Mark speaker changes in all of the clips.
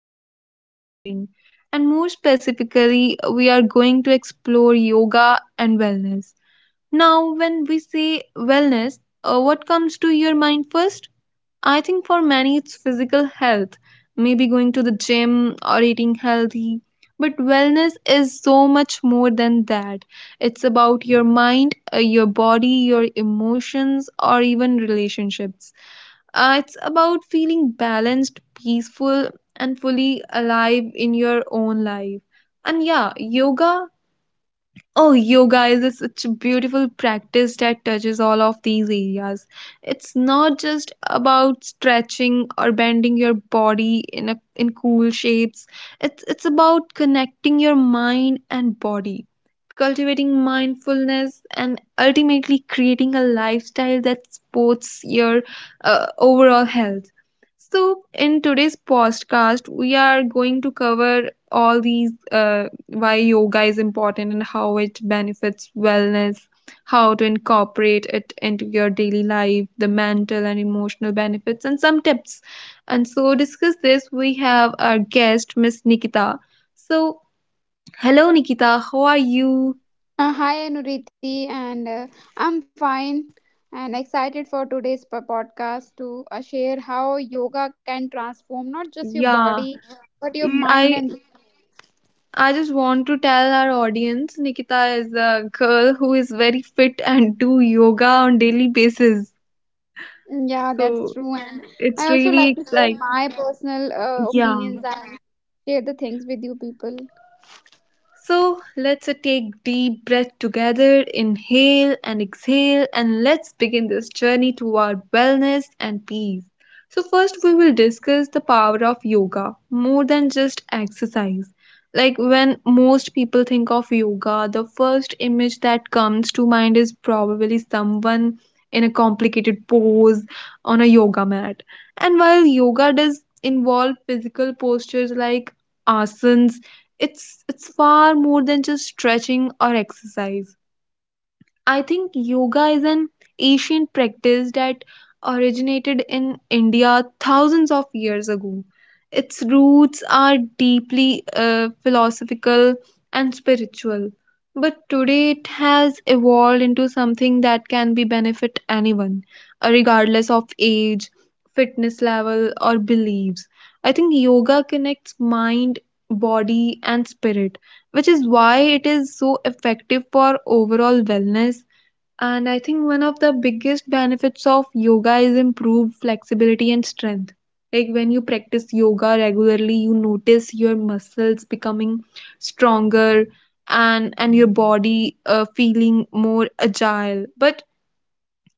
Speaker 1: health and well being. And more specifically, we are going to explore yoga and wellness. Now, when we say wellness, what comes to your mind first? I think for many it's physical health, maybe going to the gym or eating healthy. But wellness is so much more than that. It's about your mind, your body, your emotions, or even relationships. It's about feeling balanced, peaceful, and fully alive in your own life. And yeah, yoga. Oh, yoga is such a beautiful practice that touches all of these areas. It's not just about stretching or bending your body in cool shapes. It's about connecting your mind and body, cultivating mindfulness, and ultimately creating a lifestyle that supports your overall health. So, in today's podcast, we are going to cover all these, why yoga is important and how it benefits wellness, how to incorporate it into your daily life, the mental and emotional benefits, and some tips. And so, discuss this, we have our guest, Miss Nikita. So, hello, Nikita. How are you?
Speaker 2: Hi Anuriti, and I'm fine and excited for today's podcast to share how yoga can transform not just your
Speaker 1: Yeah.
Speaker 2: body but your
Speaker 1: Yeah,
Speaker 2: mind.
Speaker 1: I
Speaker 2: And
Speaker 1: I just want to tell our audience Nikita is a girl who is very fit and do yoga on daily basis.
Speaker 2: yeah, that's
Speaker 1: So
Speaker 2: true. And I
Speaker 1: it's
Speaker 2: also like
Speaker 1: really
Speaker 2: to share
Speaker 1: exciting.
Speaker 2: my personal
Speaker 1: Yeah.
Speaker 2: opinions and share the things with you people.
Speaker 1: So let's take deep breath together, inhale and exhale, and let's begin this journey toward wellness and peace. So first we will discuss the power of yoga more than just exercise. Like when most people think of yoga, the first image that comes to mind is probably someone in a complicated pose on a yoga mat. And while yoga does involve physical postures like asanas, it's far more than just stretching or exercise. I think yoga is an ancient practice that originated in India thousands of years ago. Its roots are deeply philosophical and spiritual, but today it has evolved into something that can be benefit anyone, regardless of age, fitness level, or beliefs. I think yoga connects mind, body, and spirit, which is why it is so effective for overall wellness. And I think one of the biggest benefits of yoga is improved flexibility and strength. Like when you practice yoga regularly, you notice your muscles becoming stronger, and your body feeling more agile. But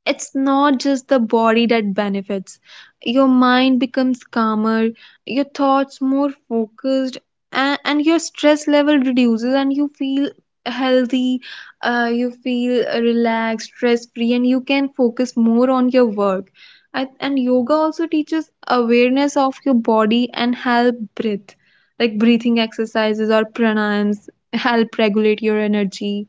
Speaker 1: it's not just the body that benefits. Your mind becomes calmer, your thoughts more focused, and your stress level reduces, and you feel healthy, you feel relaxed, stress free, and you can focus more on your work. And yoga also teaches awareness of your body and help breath, like breathing exercises or pranayams help regulate your energy,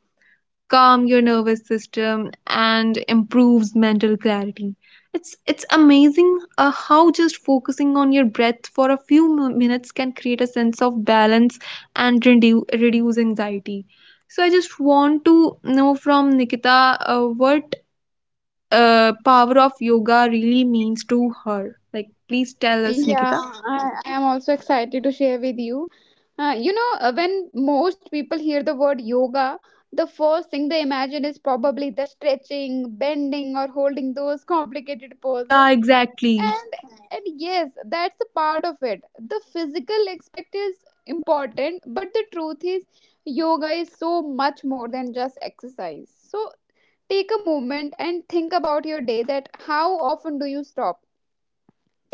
Speaker 1: calm your nervous system and improves mental clarity. It's amazing how just focusing on your breath for a few minutes can create a sense of balance and reduce anxiety. So I just want to know from Nikita what power of yoga really means to her. Like please tell us,
Speaker 2: Yeah,
Speaker 1: Nikita.
Speaker 2: I am also excited to share with you. When most people hear the word yoga, the first thing they imagine is probably the stretching, bending, or holding those complicated
Speaker 1: Yeah,
Speaker 2: poses.
Speaker 1: exactly.
Speaker 2: And yes, that's a part of it. The physical aspect is important, but the truth is, yoga is so much more than just exercise. So take a moment and think about your day. That how often do you stop?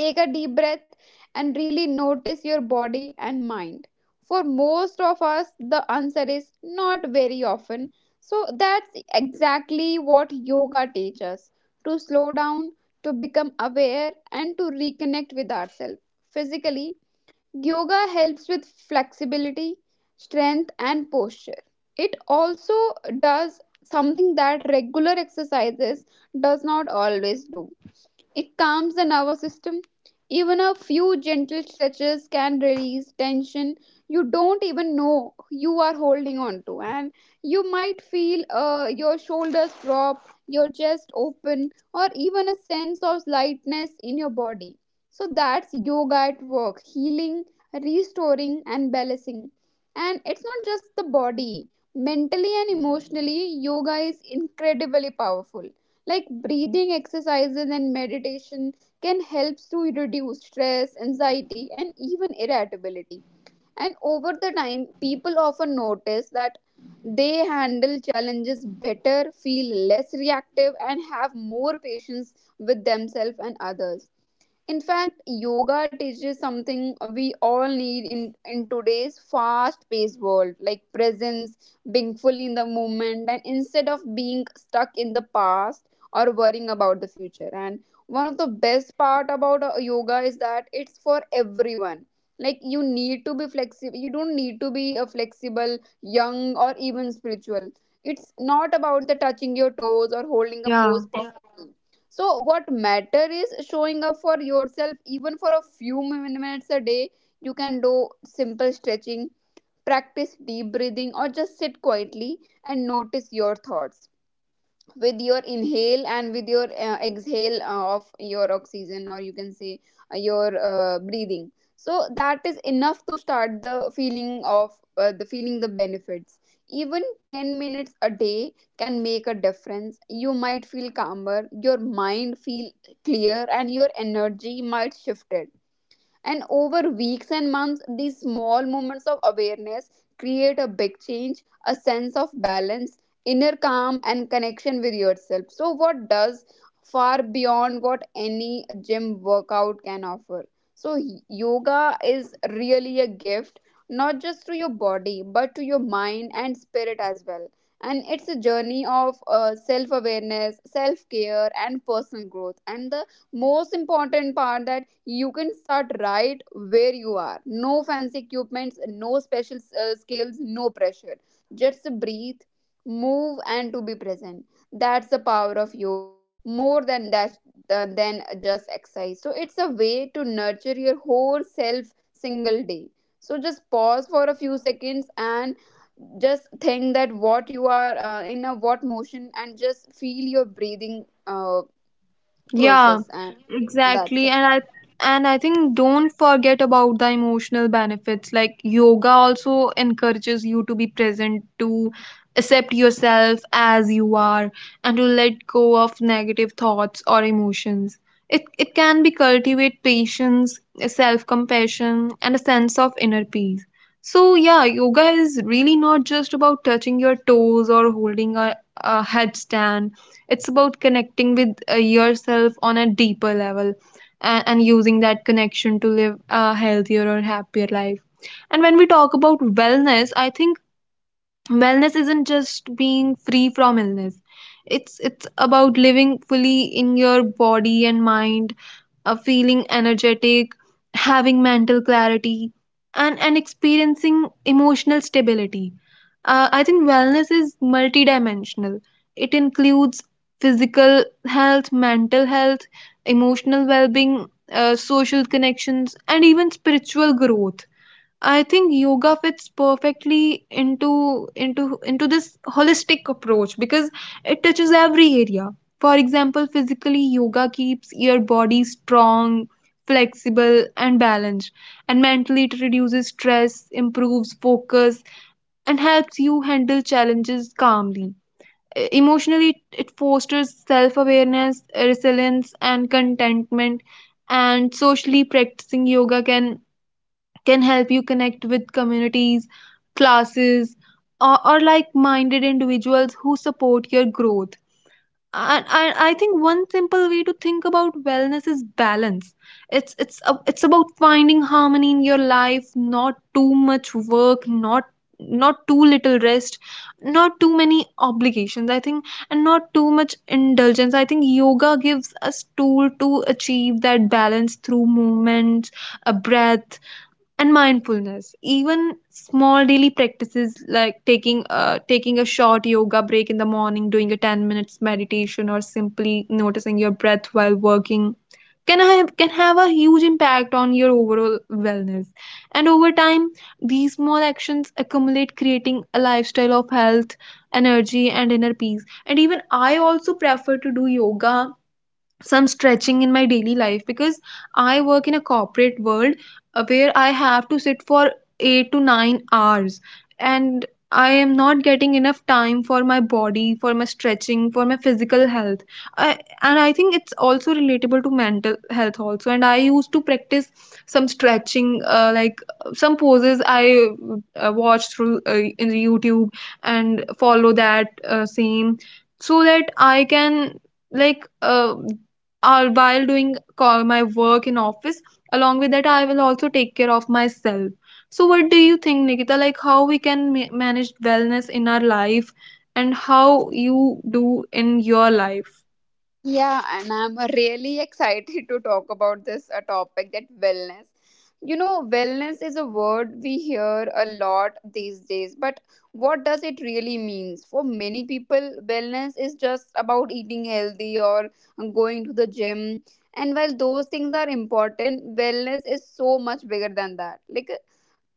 Speaker 2: Take a deep breath and really notice your body and mind. For most of us, the answer is not very often. So that's exactly what yoga teaches us, to slow down, to become aware, and to reconnect with ourselves. Physically, yoga helps with flexibility, strength, and posture. It also does something that regular exercises does not always do: it calms the nervous system. Even a few gentle stretches can release tension you don't even know you are holding on to. And you might feel your shoulders drop, your chest open, or even a sense of lightness in your body. So that's yoga at work: healing, restoring, and balancing. And it's not just the body, mentally and emotionally, yoga is incredibly powerful. Like, breathing exercises and meditation can help to reduce stress, anxiety, and even irritability, and over the time people often notice that they handle challenges better, feel less reactive, and have more patience with themselves and others. In fact, yoga teaches something we all need in today's fast paced world, like presence, being fully in the moment, and instead of being stuck in the past or worrying about the future. And one of the best part about yoga is that it's for everyone. Like, you need to be flexible, you don't need to be a flexible, young, or even spiritual. It's not about the touching your toes or holding a
Speaker 1: Yeah.
Speaker 2: pose perfectly. So what matter is showing up for yourself, even for a few minutes a day. You can do simple stretching, practice deep breathing, or just sit quietly and notice your thoughts, with your inhale and with your exhale of your oxygen, or you can say your breathing. So that is enough to start the feeling of the feeling the benefits. Even 10 minutes a day can make a difference. You might feel calmer, your mind feel clear, and your energy might shift it. And over weeks and months, these small moments of awareness create a big change, a sense of balance, inner calm, and connection with yourself. So, what does far beyond what any gym workout can offer? So, yoga is really a gift, not just to your body, but to your mind and spirit as well. And it's a journey of self awareness, self care, and personal growth. And the most important part that you can start right where you are: no fancy equipments, no special skills, no pressure. Just breathe, move, and to be present. That's the power of yoga, more than that, than just exercise. So it's a way to nurture your whole self single day. So just pause for a few seconds and just think that what you are in a what motion, and just feel your breathing
Speaker 1: Yeah,
Speaker 2: process, and that's
Speaker 1: exactly.
Speaker 2: it.
Speaker 1: And I think don't forget about the emotional benefits. Like yoga also encourages you to be present, to accept yourself as you are, and to let go of negative thoughts or emotions. It can be cultivate patience, self-compassion, and a sense of inner peace. So yeah, yoga is really not just about touching your toes or holding a headstand, it's about connecting with yourself on a deeper level, and using that connection to live a healthier or happier life. And when we talk about wellness, I think wellness isn't just being free from illness. It's about living fully in your body and mind, feeling energetic, having mental clarity, and experiencing emotional stability. I think wellness is multidimensional. It includes physical health, mental health, emotional well being, social connections, and even spiritual growth. I think yoga fits perfectly into this holistic approach because it touches every area. For example, physically yoga keeps your body strong, flexible and balanced, and mentally it reduces stress, improves focus and helps you handle challenges calmly. Emotionally it fosters self-awareness, resilience and contentment, and socially practicing yoga can help you connect with communities, classes, or like minded individuals who support your growth. And I think one simple way to think about wellness is balance. It's about finding harmony in your life, not too much work, not too little rest, not too many obligations, I think, and not too much indulgence. I think yoga gives us tool to achieve that balance through movement, a breath, and mindfulness. Even small daily practices like taking a short yoga break in the morning, doing a 10 minutes meditation, or simply noticing your breath while working can have a huge impact on your overall wellness, and over time these small actions accumulate, creating a lifestyle of health, energy and inner peace. And even I also prefer to do yoga, some stretching in my daily life because I work in a corporate world, where I have to sit for 8 to 9 hours, and I am not getting enough time for my body, for my stretching, for my physical health. And I think it's also relatable to mental health also. And I used to practice some stretching, like some poses I watched through in YouTube and follow that same, so that I can like or while doing my work in office, along with that I will also take care of myself. So what do you think, Nikita, like how we can manage wellness in our life and how you do in your life?
Speaker 2: Yeah, and I'm really excited to talk about this topic, that wellness. You know, wellness is a word we hear a lot these days, but what does it really means? For many people, wellness is just about eating healthy or going to the gym. And while those things are important, wellness is so much bigger than that. Like,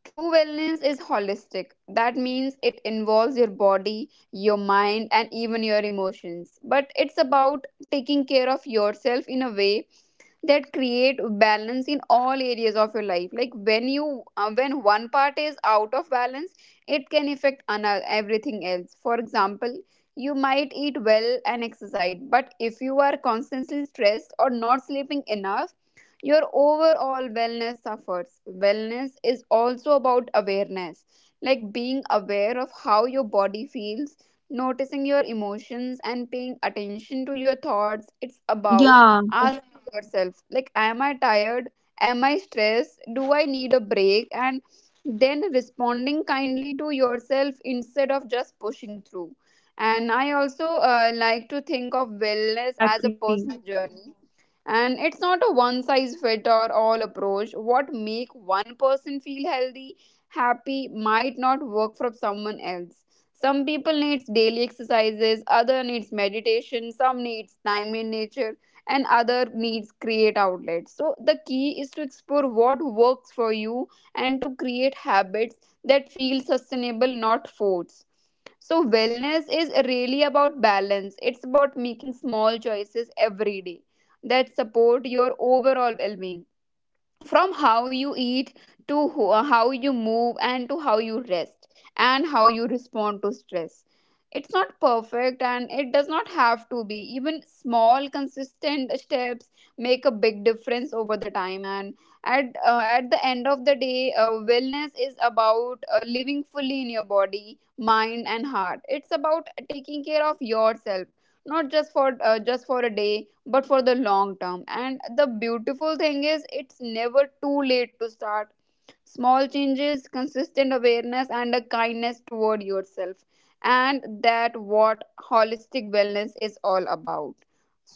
Speaker 2: true wellness is holistic. That means it involves your body, your mind, and even your emotions. But it's about taking care of yourself in a way that create balance in all areas of your life. Like when you when one part is out of balance, it can affect another, everything else. For example, you might eat well and exercise, but if you are constantly stressed or not sleeping enough, your overall wellness suffers. Wellness is also about awareness, like being aware of how your body feels, noticing your emotions, and paying attention to your thoughts. It's about,
Speaker 1: Yeah.
Speaker 2: yeah, asking yourself like, am I tired, am I stressed, do I need a break, and then responding kindly to yourself instead of just pushing through. And I also like to think of
Speaker 1: Yeah,
Speaker 2: wellness as a
Speaker 1: exactly.
Speaker 2: personal journey, and it's not a one size fit or all approach. What make one person feel healthy, happy, might not work for someone else. Some people needs daily exercises, other needs meditation, some needs time in nature, and other needs create outlets. So the key is to explore what works for you and to create habits that feel sustainable, not forced. So wellness is really about balance. It's about making small choices every day that support your overall well-being, from how you eat to who, how you move, and to how you rest, and how you respond to stress. It's not perfect, and it does not have to be. Even small consistent steps make a big difference over the time. And at the end of the day, wellness is about living fully in your body, mind, and heart. It's about taking care of yourself, not just for just for a day, but for the long term. And the beautiful thing is it's never too late to start. Small changes, consistent awareness, and a kindness toward yourself, and that what holistic wellness is all about.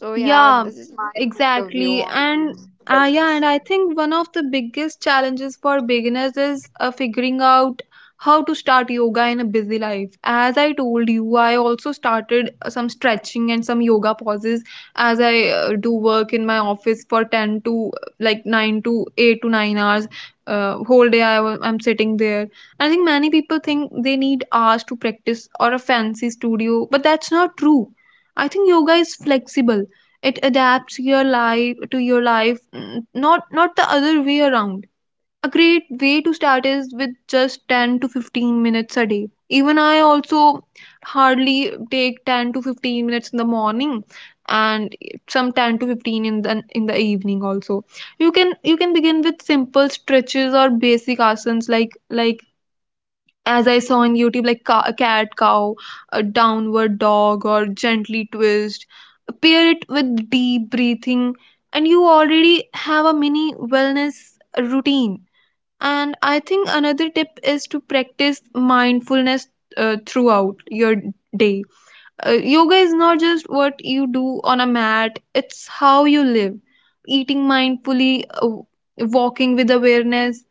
Speaker 2: So yeah,
Speaker 1: Yeah,
Speaker 2: this is my point of view
Speaker 1: exactly.
Speaker 2: on
Speaker 1: And yeah,
Speaker 2: wellness.
Speaker 1: and I think one of the biggest challenges for beginners is figuring out how to start yoga in a busy life. As I told you, I also started some stretching and some yoga poses, as I do work in my office for 10 to like 9 to 8 to 9 hours. Whole day I I'm sitting there. I think many people think they need hours to practice or a fancy studio, but that's not true. I think yoga is flexible, it adapts your life to your life, not the other way around. A great way to start is with just 10 to 15 minutes a day. Even I also hardly take 10 to 15 minutes in the morning and some 10 to 15 in the evening also. You can begin with simple stretches or basic asanas like as I saw on YouTube, like cat, cow, a downward dog, or gently twist. Pair it with deep breathing, and you already have a mini wellness routine. And I think another tip is to practice mindfulness throughout your day. Yoga is not just what you do on a mat, it's how you live. Eating mindfully, walking with awareness,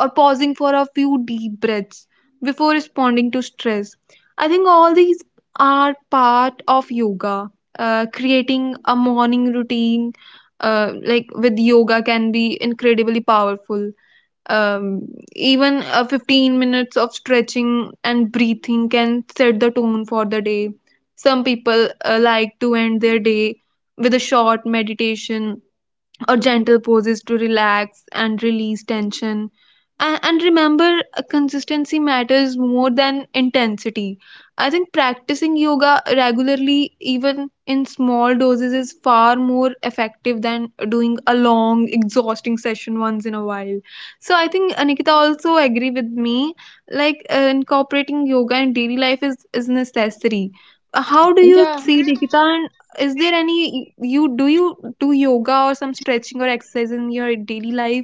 Speaker 1: or pausing for a few deep breaths before responding to stress. I think all these are part of yoga. Creating a morning routine, like with yoga, can be incredibly powerful. Um, Even 15 minutes of stretching and breathing can set the tone for the day. Some people like to end their day with a short meditation or gentle poses to relax and release tension. And remember, consistency matters more than intensity. I think practicing yoga regularly, even in small doses, is far more effective than doing a long, exhausting session once in a while. So I think Anikita also agree with me. Like incorporating yoga in daily life is necessary. How do you
Speaker 2: Yeah.
Speaker 1: see, Nikita? Is there any you do yoga or some stretching or exercise in your daily life?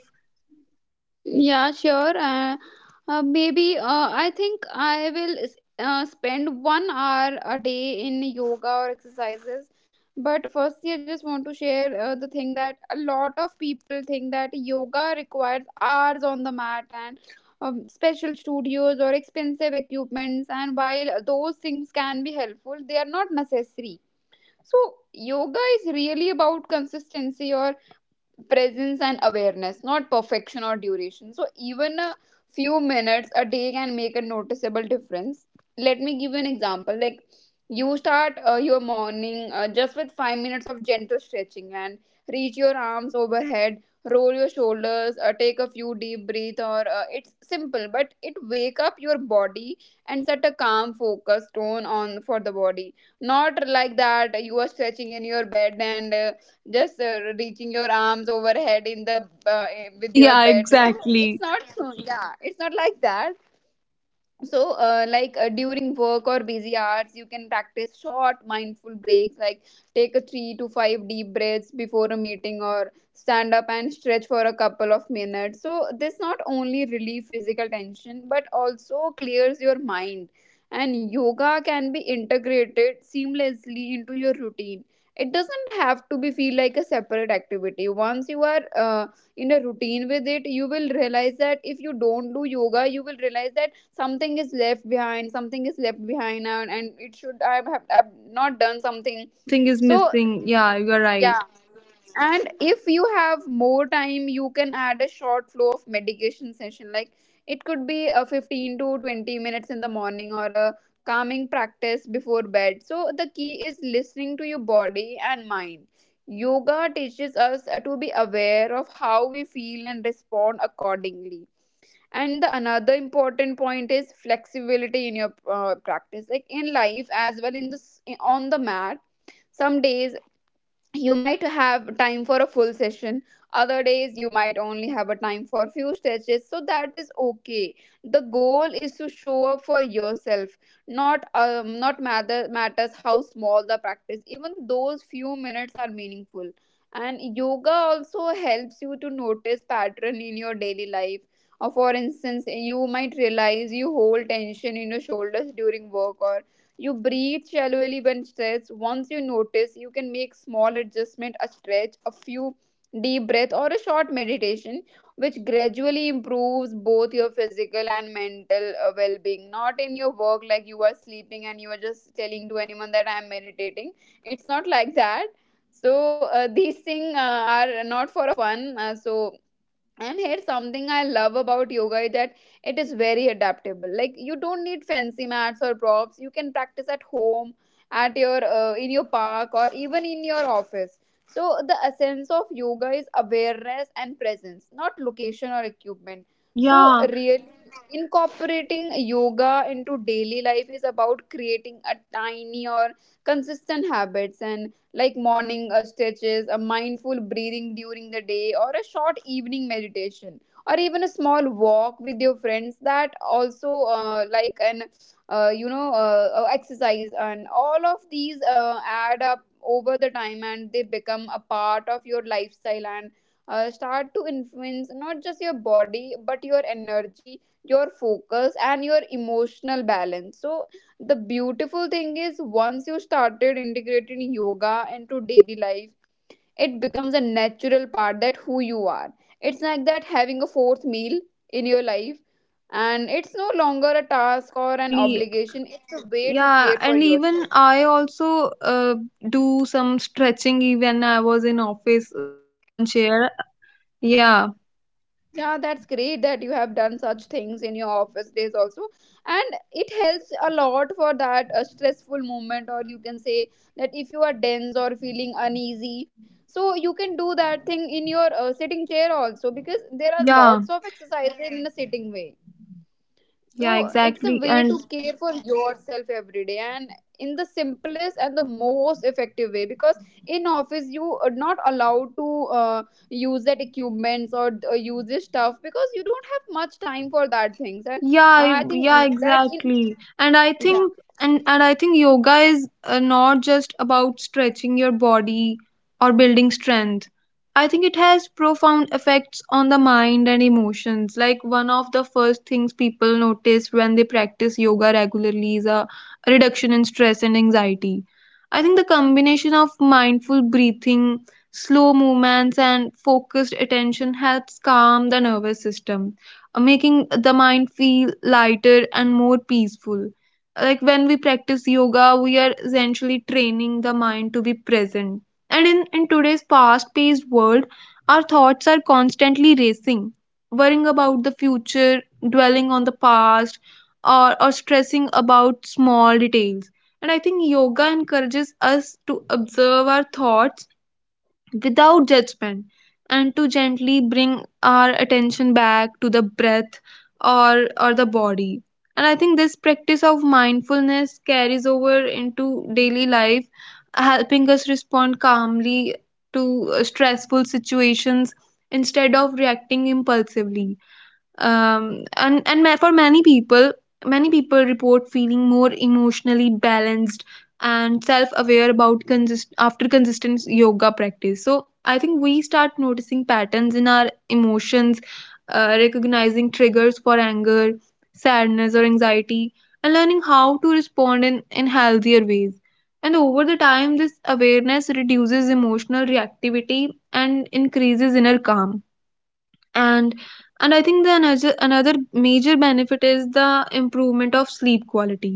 Speaker 2: Yeah, sure. Maybe I think I will spend 1 hour a day in yoga or exercises. But firstly, I just want to share the thing that a lot of people think that yoga requires hours on the mat, and special studios or expensive equipments. And while those things can be helpful, they are not necessary. So, yoga is really about consistency, or presence and awareness, not perfection or duration. So, even a few minutes a day can make a noticeable difference. Let me give you an example. Like, you start your morning just with 5 minutes of gentle stretching, and reach your arms overhead, roll your shoulders, take a few deep breath. Or it's simple, but it wake up your body and set a calm focus tone on for the body. Not like that you are stretching in your bed and just reaching your arms overhead in the with your
Speaker 1: Yeah,
Speaker 2: bed. So it's
Speaker 1: exactly.
Speaker 2: not, yeah, it's not like that. So like, during work or busy hours, you can practice short mindful breaks, like take a 3 to 5 deep breaths before a meeting, or stand up and stretch for a couple of minutes. So this not only relieve physical tension but also clears your mind. And yoga can be integrated seamlessly into your routine. It doesn't have to be feel like a separate activity. Once you are in a routine with it, you will realize that if you don't do yoga you will realize that something is left behind, something is left behind, and it should. I have, I've not done
Speaker 1: Yeah,
Speaker 2: something.
Speaker 1: something is
Speaker 2: So
Speaker 1: missing. Yeah, you're right.
Speaker 2: yeah. And if you have more time, you can add a short flow of medication session. Like, it could be a 15 to 20 minutes in the morning or a calming practice before bed. So the key is listening to your body and mind. Yoga teaches us to be aware of how we feel and respond accordingly. And the another important point is flexibility in your practice, like in life as well in this on the mat. Some days you might have time for a full session, other days you might only have a time for few stretches. So that is okay. The goal is to show up for yourself, not matters how small the practice. Even those few minutes are meaningful. And yoga also helps you to notice pattern in your daily life, or for instance you might realize you hold tension in your shoulders during work, or you breathe shallowly when stressed. Once you notice, you can make small adjustment, a stretch, a few deep breath or a short meditation which gradually improves both your physical and mental well-being. Not in your work, like you are sleeping and you are just telling to anyone that I am meditating. It's not like that. So these things are not for a fun And here's something I love about yoga is that it is very adaptable. Like you don't need fancy mats or props. You can practice at home, at your in your park or even in your office. So the essence of yoga is awareness and presence, not location or equipment. So
Speaker 1: Yeah,
Speaker 2: really, incorporating yoga into daily life is about creating a tiny or consistent habits, and like morning stretches, a mindful breathing during the day, or a short evening meditation, or even a small walk with your friends. That also like an you know exercise, and all of these add up over the time, and they become a part of your lifestyle and start to influence not just your body but your energy, your focus, and your emotional balance. So the beautiful thing is, once you started integrating yoga into daily life, it becomes a natural part that who you are. It's like that having a fourth meal in your life, and it's no longer
Speaker 1: yeah,
Speaker 2: a task or an
Speaker 1: exactly.
Speaker 2: obligation. It's a way to
Speaker 1: Yeah,
Speaker 2: care for
Speaker 1: and even
Speaker 2: yourself.
Speaker 1: I also do some stretching even I was in office sitting on chair. Yeah,
Speaker 2: Yeah, that's great that you have done such things in your office days also. And it helps a lot for that stressful moment, or you can say that if you are dense or feeling uneasy, so you can do that thing in your sitting chair also, because there are
Speaker 1: yeah,
Speaker 2: lots of exercises in a sitting way.
Speaker 1: yeah,
Speaker 2: So it's a
Speaker 1: exactly.
Speaker 2: way to
Speaker 1: And
Speaker 2: care for yourself every day and in the simplest and the most effective way, because in office you are not allowed to uh, use that equipments or use this stuff, because you don't have much time for that things and
Speaker 1: yeah
Speaker 2: I
Speaker 1: I-
Speaker 2: think
Speaker 1: yeah
Speaker 2: that in
Speaker 1: exactly
Speaker 2: yeah.
Speaker 1: and I think yoga is not just about stretching your body or building strength. I think it has profound effects on the mind and emotions. Like one of the first things people notice when they practice yoga regularly is a reduction in stress and anxiety. I think the combination of mindful breathing, slow movements and focused attention helps calm the nervous system, making the mind feel lighter and more peaceful. Like when we practice yoga, we are essentially training the mind to be present. And in today's fast paced world, our thoughts are constantly racing, worrying about the future, dwelling on the past, or stressing about small details. And I think yoga encourages us to observe our thoughts without judgment and to gently bring our attention back to the breath or the body. And I think this practice of mindfulness carries over into daily life, helping us respond calmly to stressful situations instead of reacting impulsively. For many people, many people report feeling more emotionally balanced and self-aware after consistent yoga practice. So I think we start noticing patterns in our emotions, recognizing triggers for anger, sadness or anxiety, and learning how to respond in healthier ways. And over the time this awareness reduces emotional reactivity and increases inner calm. And and I think the another another major benefit is the improvement of sleep quality.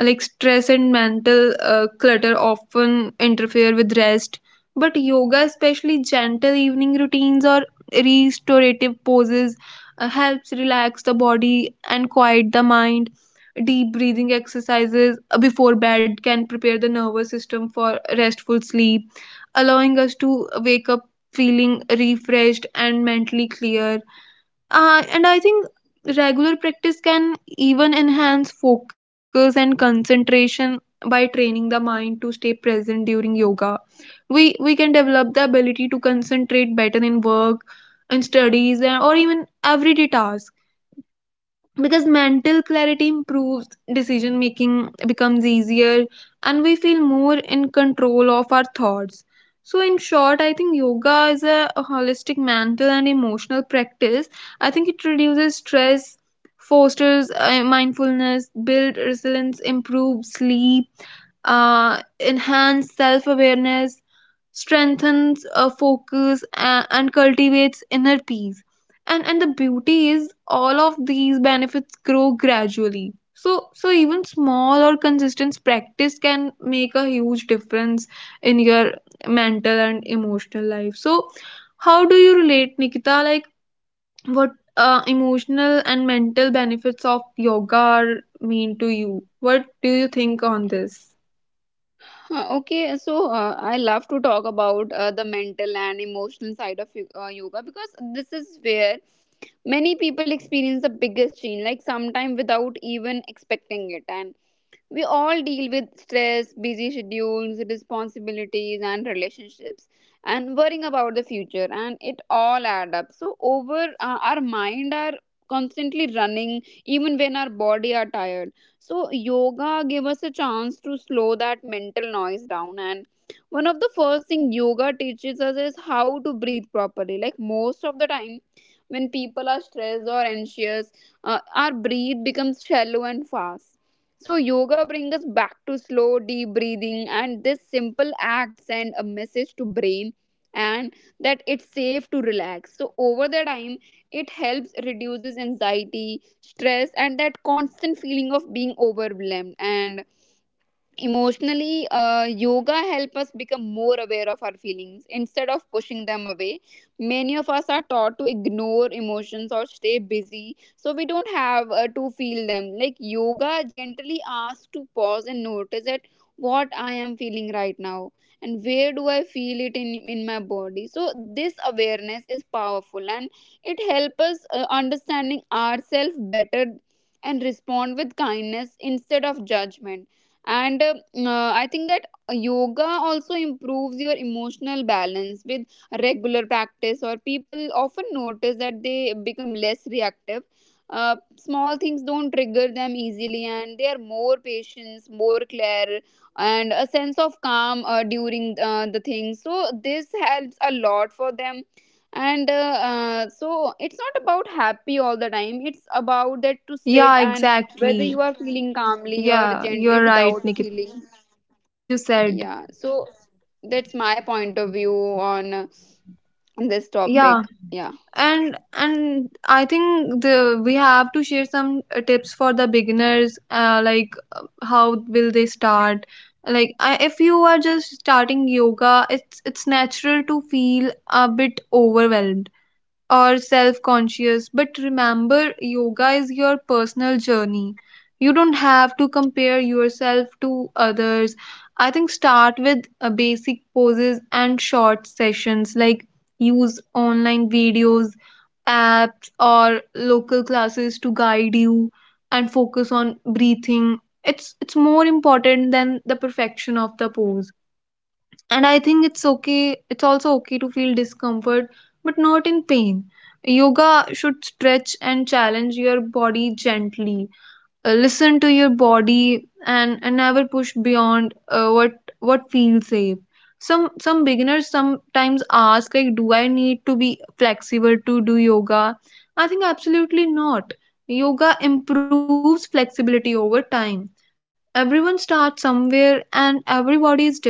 Speaker 1: Like stress and mental clutter often interfere with rest, but yoga, especially gentle evening routines or restorative poses, helps relax the body and quiet the mind. Deep breathing exercises before bed can prepare the nervous system for restful sleep, allowing us to wake up feeling refreshed and mentally clear. And I think regular practice can even enhance focus and concentration by training the mind to stay present. During yoga, we can develop the ability to concentrate better in work, in studies, and or even everyday task. Because mental clarity improves, decision making becomes easier, and we feel more in control of our thoughts. So in short, I think yoga is a holistic mental and emotional practice. I think it reduces stress, fosters mindfulness, build resilience, improve sleep, uh, enhance self awareness, strengthens focus, and cultivates inner peace. And the beauty is, all of these benefits grow gradually, so even small or consistent practice can make a huge difference in your mental and emotional life. So how do you relate, Nikita? Like, what emotional and mental benefits of yoga are mean to you? What do you think on this?
Speaker 2: Okay, so I love to talk about the mental and emotional side of yoga, because this is where many people experience the biggest change, like sometime without even expecting it. And we all deal with stress, busy schedules, responsibilities, and relationships, and worrying about the future, and it all add up. So over our mind are constantly running, even when our body are tired. So yoga gave us a chance to slow that mental noise down, and one of the first thing yoga teaches us is how to breathe properly. Like most of the time when people are stressed or anxious, our breathe becomes shallow and fast. So yoga brings us back to slow deep breathing, and this simple act send a message to brain and that it's safe to relax. So over the time, it helps reduces anxiety, stress, and that constant feeling of being overwhelmed. And emotionally, yoga help us become more aware of our feelings instead of pushing them away. Many of us are taught to ignore emotions or stay busy, so we don't have to feel them. Like yoga gently asks to pause and notice that what I am feeling right now and where do I feel it in my body. So this awareness is powerful, and it helps us understanding ourselves better and respond with kindness instead of judgment. And I think that yoga also improves your emotional balance with regular practice, or people often notice that they become less reactive. Small things don't trigger them easily, and they are more patience, more clear, and a sense of calm during the thing. So this helps a lot for them. And so it's not about happy all the time, it's about that to sit
Speaker 1: Yeah,
Speaker 2: and whether
Speaker 1: exactly.
Speaker 2: you are feeling calmly or
Speaker 1: Yeah,
Speaker 2: gently
Speaker 1: you're right,
Speaker 2: without
Speaker 1: Nikita.
Speaker 2: feeling
Speaker 1: As you said.
Speaker 2: yeah. So that's my point of view on this
Speaker 1: Yeah,
Speaker 2: topic, yeah.
Speaker 1: and I think the we have to share some tips for the beginners, like how will they start. Like if you are just starting yoga, it's natural to feel a bit overwhelmed or self conscious. But remember, yoga is your personal journey. You don't have to compare yourself to others. I think start with basic poses and short sessions, like use online videos, apps, or local classes to guide you, and focus on breathing. It's more important than the perfection of the pose. And I think it's okay, it's also okay to feel discomfort, but not in pain. Yoga should stretch and challenge your body gently. Listen to your body, and never push beyond what feels safe. Some beginners sometimes ask, like, do I need to be flexible to do yoga? I think absolutely not. Yoga improves flexibility over time. Everyone starts somewhere and everybody is different.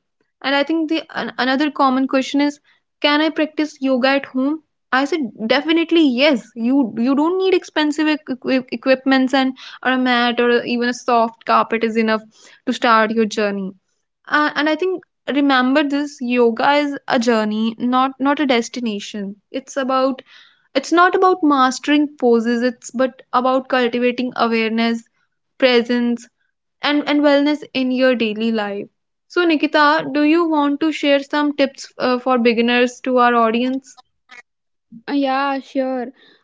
Speaker 1: And I think another common question is, can I practice yoga at home? I said definitely yes. You don't need expensive equipments, and or a mat or even a soft carpet is enough to start your journey. And I think remember this: yoga is a journey, not a destination. It's about, it's not about mastering poses, it's but about cultivating awareness, presence, and wellness in your daily life. So Nikita, do you want to share some tips for beginners to our audience?
Speaker 2: Yeah, sure.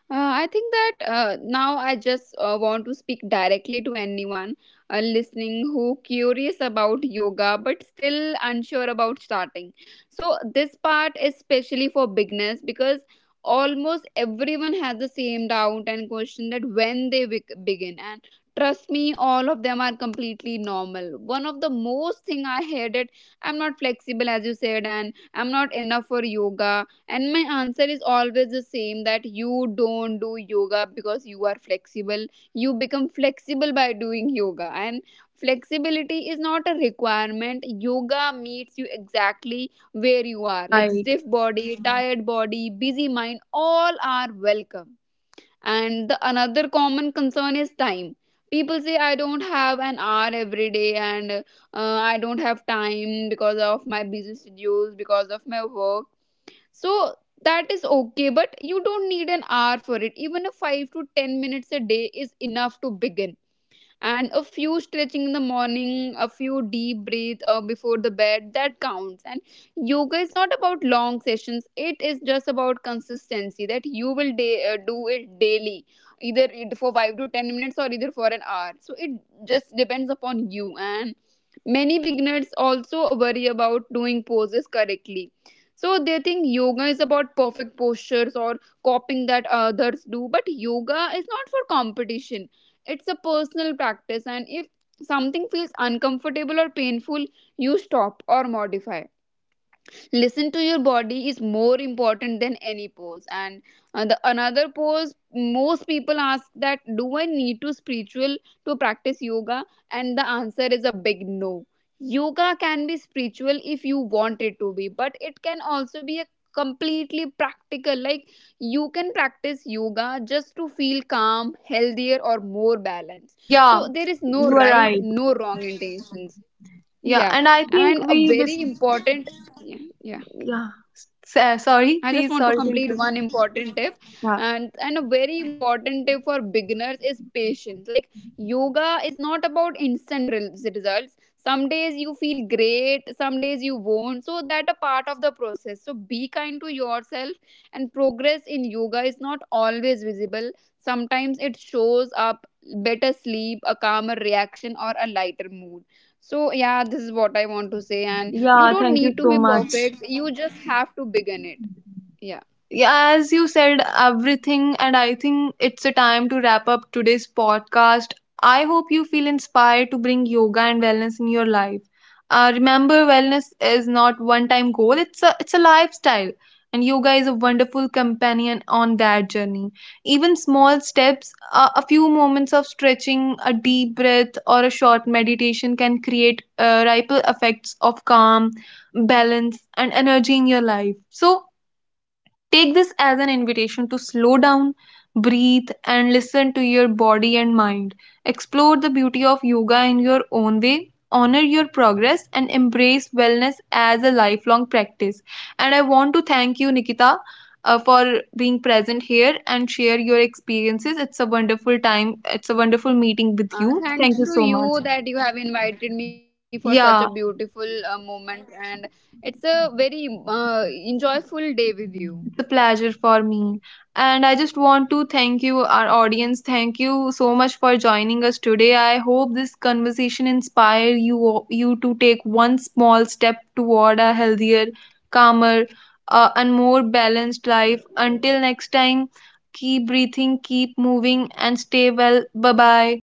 Speaker 1: Yeah,
Speaker 2: I think
Speaker 1: please
Speaker 2: that
Speaker 1: share.
Speaker 2: now I just want to speak directly to anyone listening who curious about yoga but still unsure about starting. So this part is especially for beginners, because almost everyone has the same doubt and question that when they begin, and trust me, all of them are completely normal. One of the most thing I heard it, I'm not flexible, as you said, and I'm not enough for yoga. And my answer is always the same, that you don't do yoga because you are flexible. You become flexible by doing yoga. And flexibility is not a requirement. Yoga meets you exactly
Speaker 1: Yeah,
Speaker 2: where
Speaker 1: yeah,
Speaker 2: you
Speaker 1: you are
Speaker 2: are. Like
Speaker 1: right.
Speaker 2: stiff body, mhm, tired body, busy mind, all are welcome. And the another common concern is time. People say I don't have an hour every day, and I don't have time because of my busy schedules, because of my work. So that is okay, but you don't need an hour for it. Even a 5 to 10 minutes a day is enough to begin. And a few stretching in the morning, a few deep breath before the bed, that counts. And yoga is not about long sessions, it is just about consistency, that you will do it daily, either it for 5 to 10 minutes or either for an hour. So it just depends upon you. And many beginners also worry about doing poses correctly. So they think yoga is about perfect postures or copying that others do, but yoga is not for competition. It's a personal practice, and if something feels uncomfortable or painful, you stop or modify. Listen to your body is more important than any pose. And the another pose most people ask that do I need to spiritual to practice yoga. And the answer is a big no. Yoga can be spiritual if you want it to be, but it can also be a completely practical. Like you can practice yoga just to feel calm, healthier, or more balanced.
Speaker 1: Yeah,
Speaker 2: So there is no
Speaker 1: you are
Speaker 2: right,
Speaker 1: right.
Speaker 2: no wrong intentions.
Speaker 1: Yeah,
Speaker 2: Yeah,
Speaker 1: and I think
Speaker 2: and a
Speaker 1: we
Speaker 2: very important, yeah, yeah.
Speaker 1: yeah. Sorry,
Speaker 2: I just
Speaker 1: please,
Speaker 2: want to
Speaker 1: sorry to
Speaker 2: complete
Speaker 1: interrupt.
Speaker 2: one important tip.
Speaker 1: Yeah.
Speaker 2: And a very important tip for beginners is patience. Like yoga is not about instant results. Some days you feel great, some days you won't. So that a part of the process. So be kind to yourself, and progress in yoga is not always visible. Sometimes it shows up better sleep, a calmer reaction, or a lighter mood. So yeah, this is what I want to say, and you
Speaker 1: Yeah,
Speaker 2: don't
Speaker 1: thank you
Speaker 2: need to
Speaker 1: so
Speaker 2: be
Speaker 1: much.
Speaker 2: perfect. You just have to begin it. Yeah.
Speaker 1: Yeah, as you said, everything. And I think it's a time to wrap up today's podcast. I hope you feel inspired to bring yoga and wellness in your life. Remember, wellness is not one-time goal; it's a lifestyle, and yoga is a wonderful companion on that journey. Even small steps, a few moments of stretching, a deep breath, or a short meditation can create ripple effects of calm, balance, and energy in your life. So take this as an invitation to slow down, breathe, and listen to your body and mind. Explore the beauty of yoga in your own way, honor your progress, and embrace wellness as a lifelong practice. And I want to thank you, Nikita. For being present here and share your experiences. It's a wonderful time, it's a wonderful meeting with you. Thank
Speaker 2: Thanks
Speaker 1: you
Speaker 2: to
Speaker 1: so much.
Speaker 2: you that you have invited me for such a
Speaker 1: Yeah.
Speaker 2: beautiful moment, and it's a very enjoyable day with you.
Speaker 1: It's a pleasure for me. And I just want to thank you, our audience. Thank you so much for joining us today. I hope this conversation inspire you to take one small step toward a healthier, calmer, and more balanced life. Until next time, keep breathing, keep moving, and stay well. Bye bye.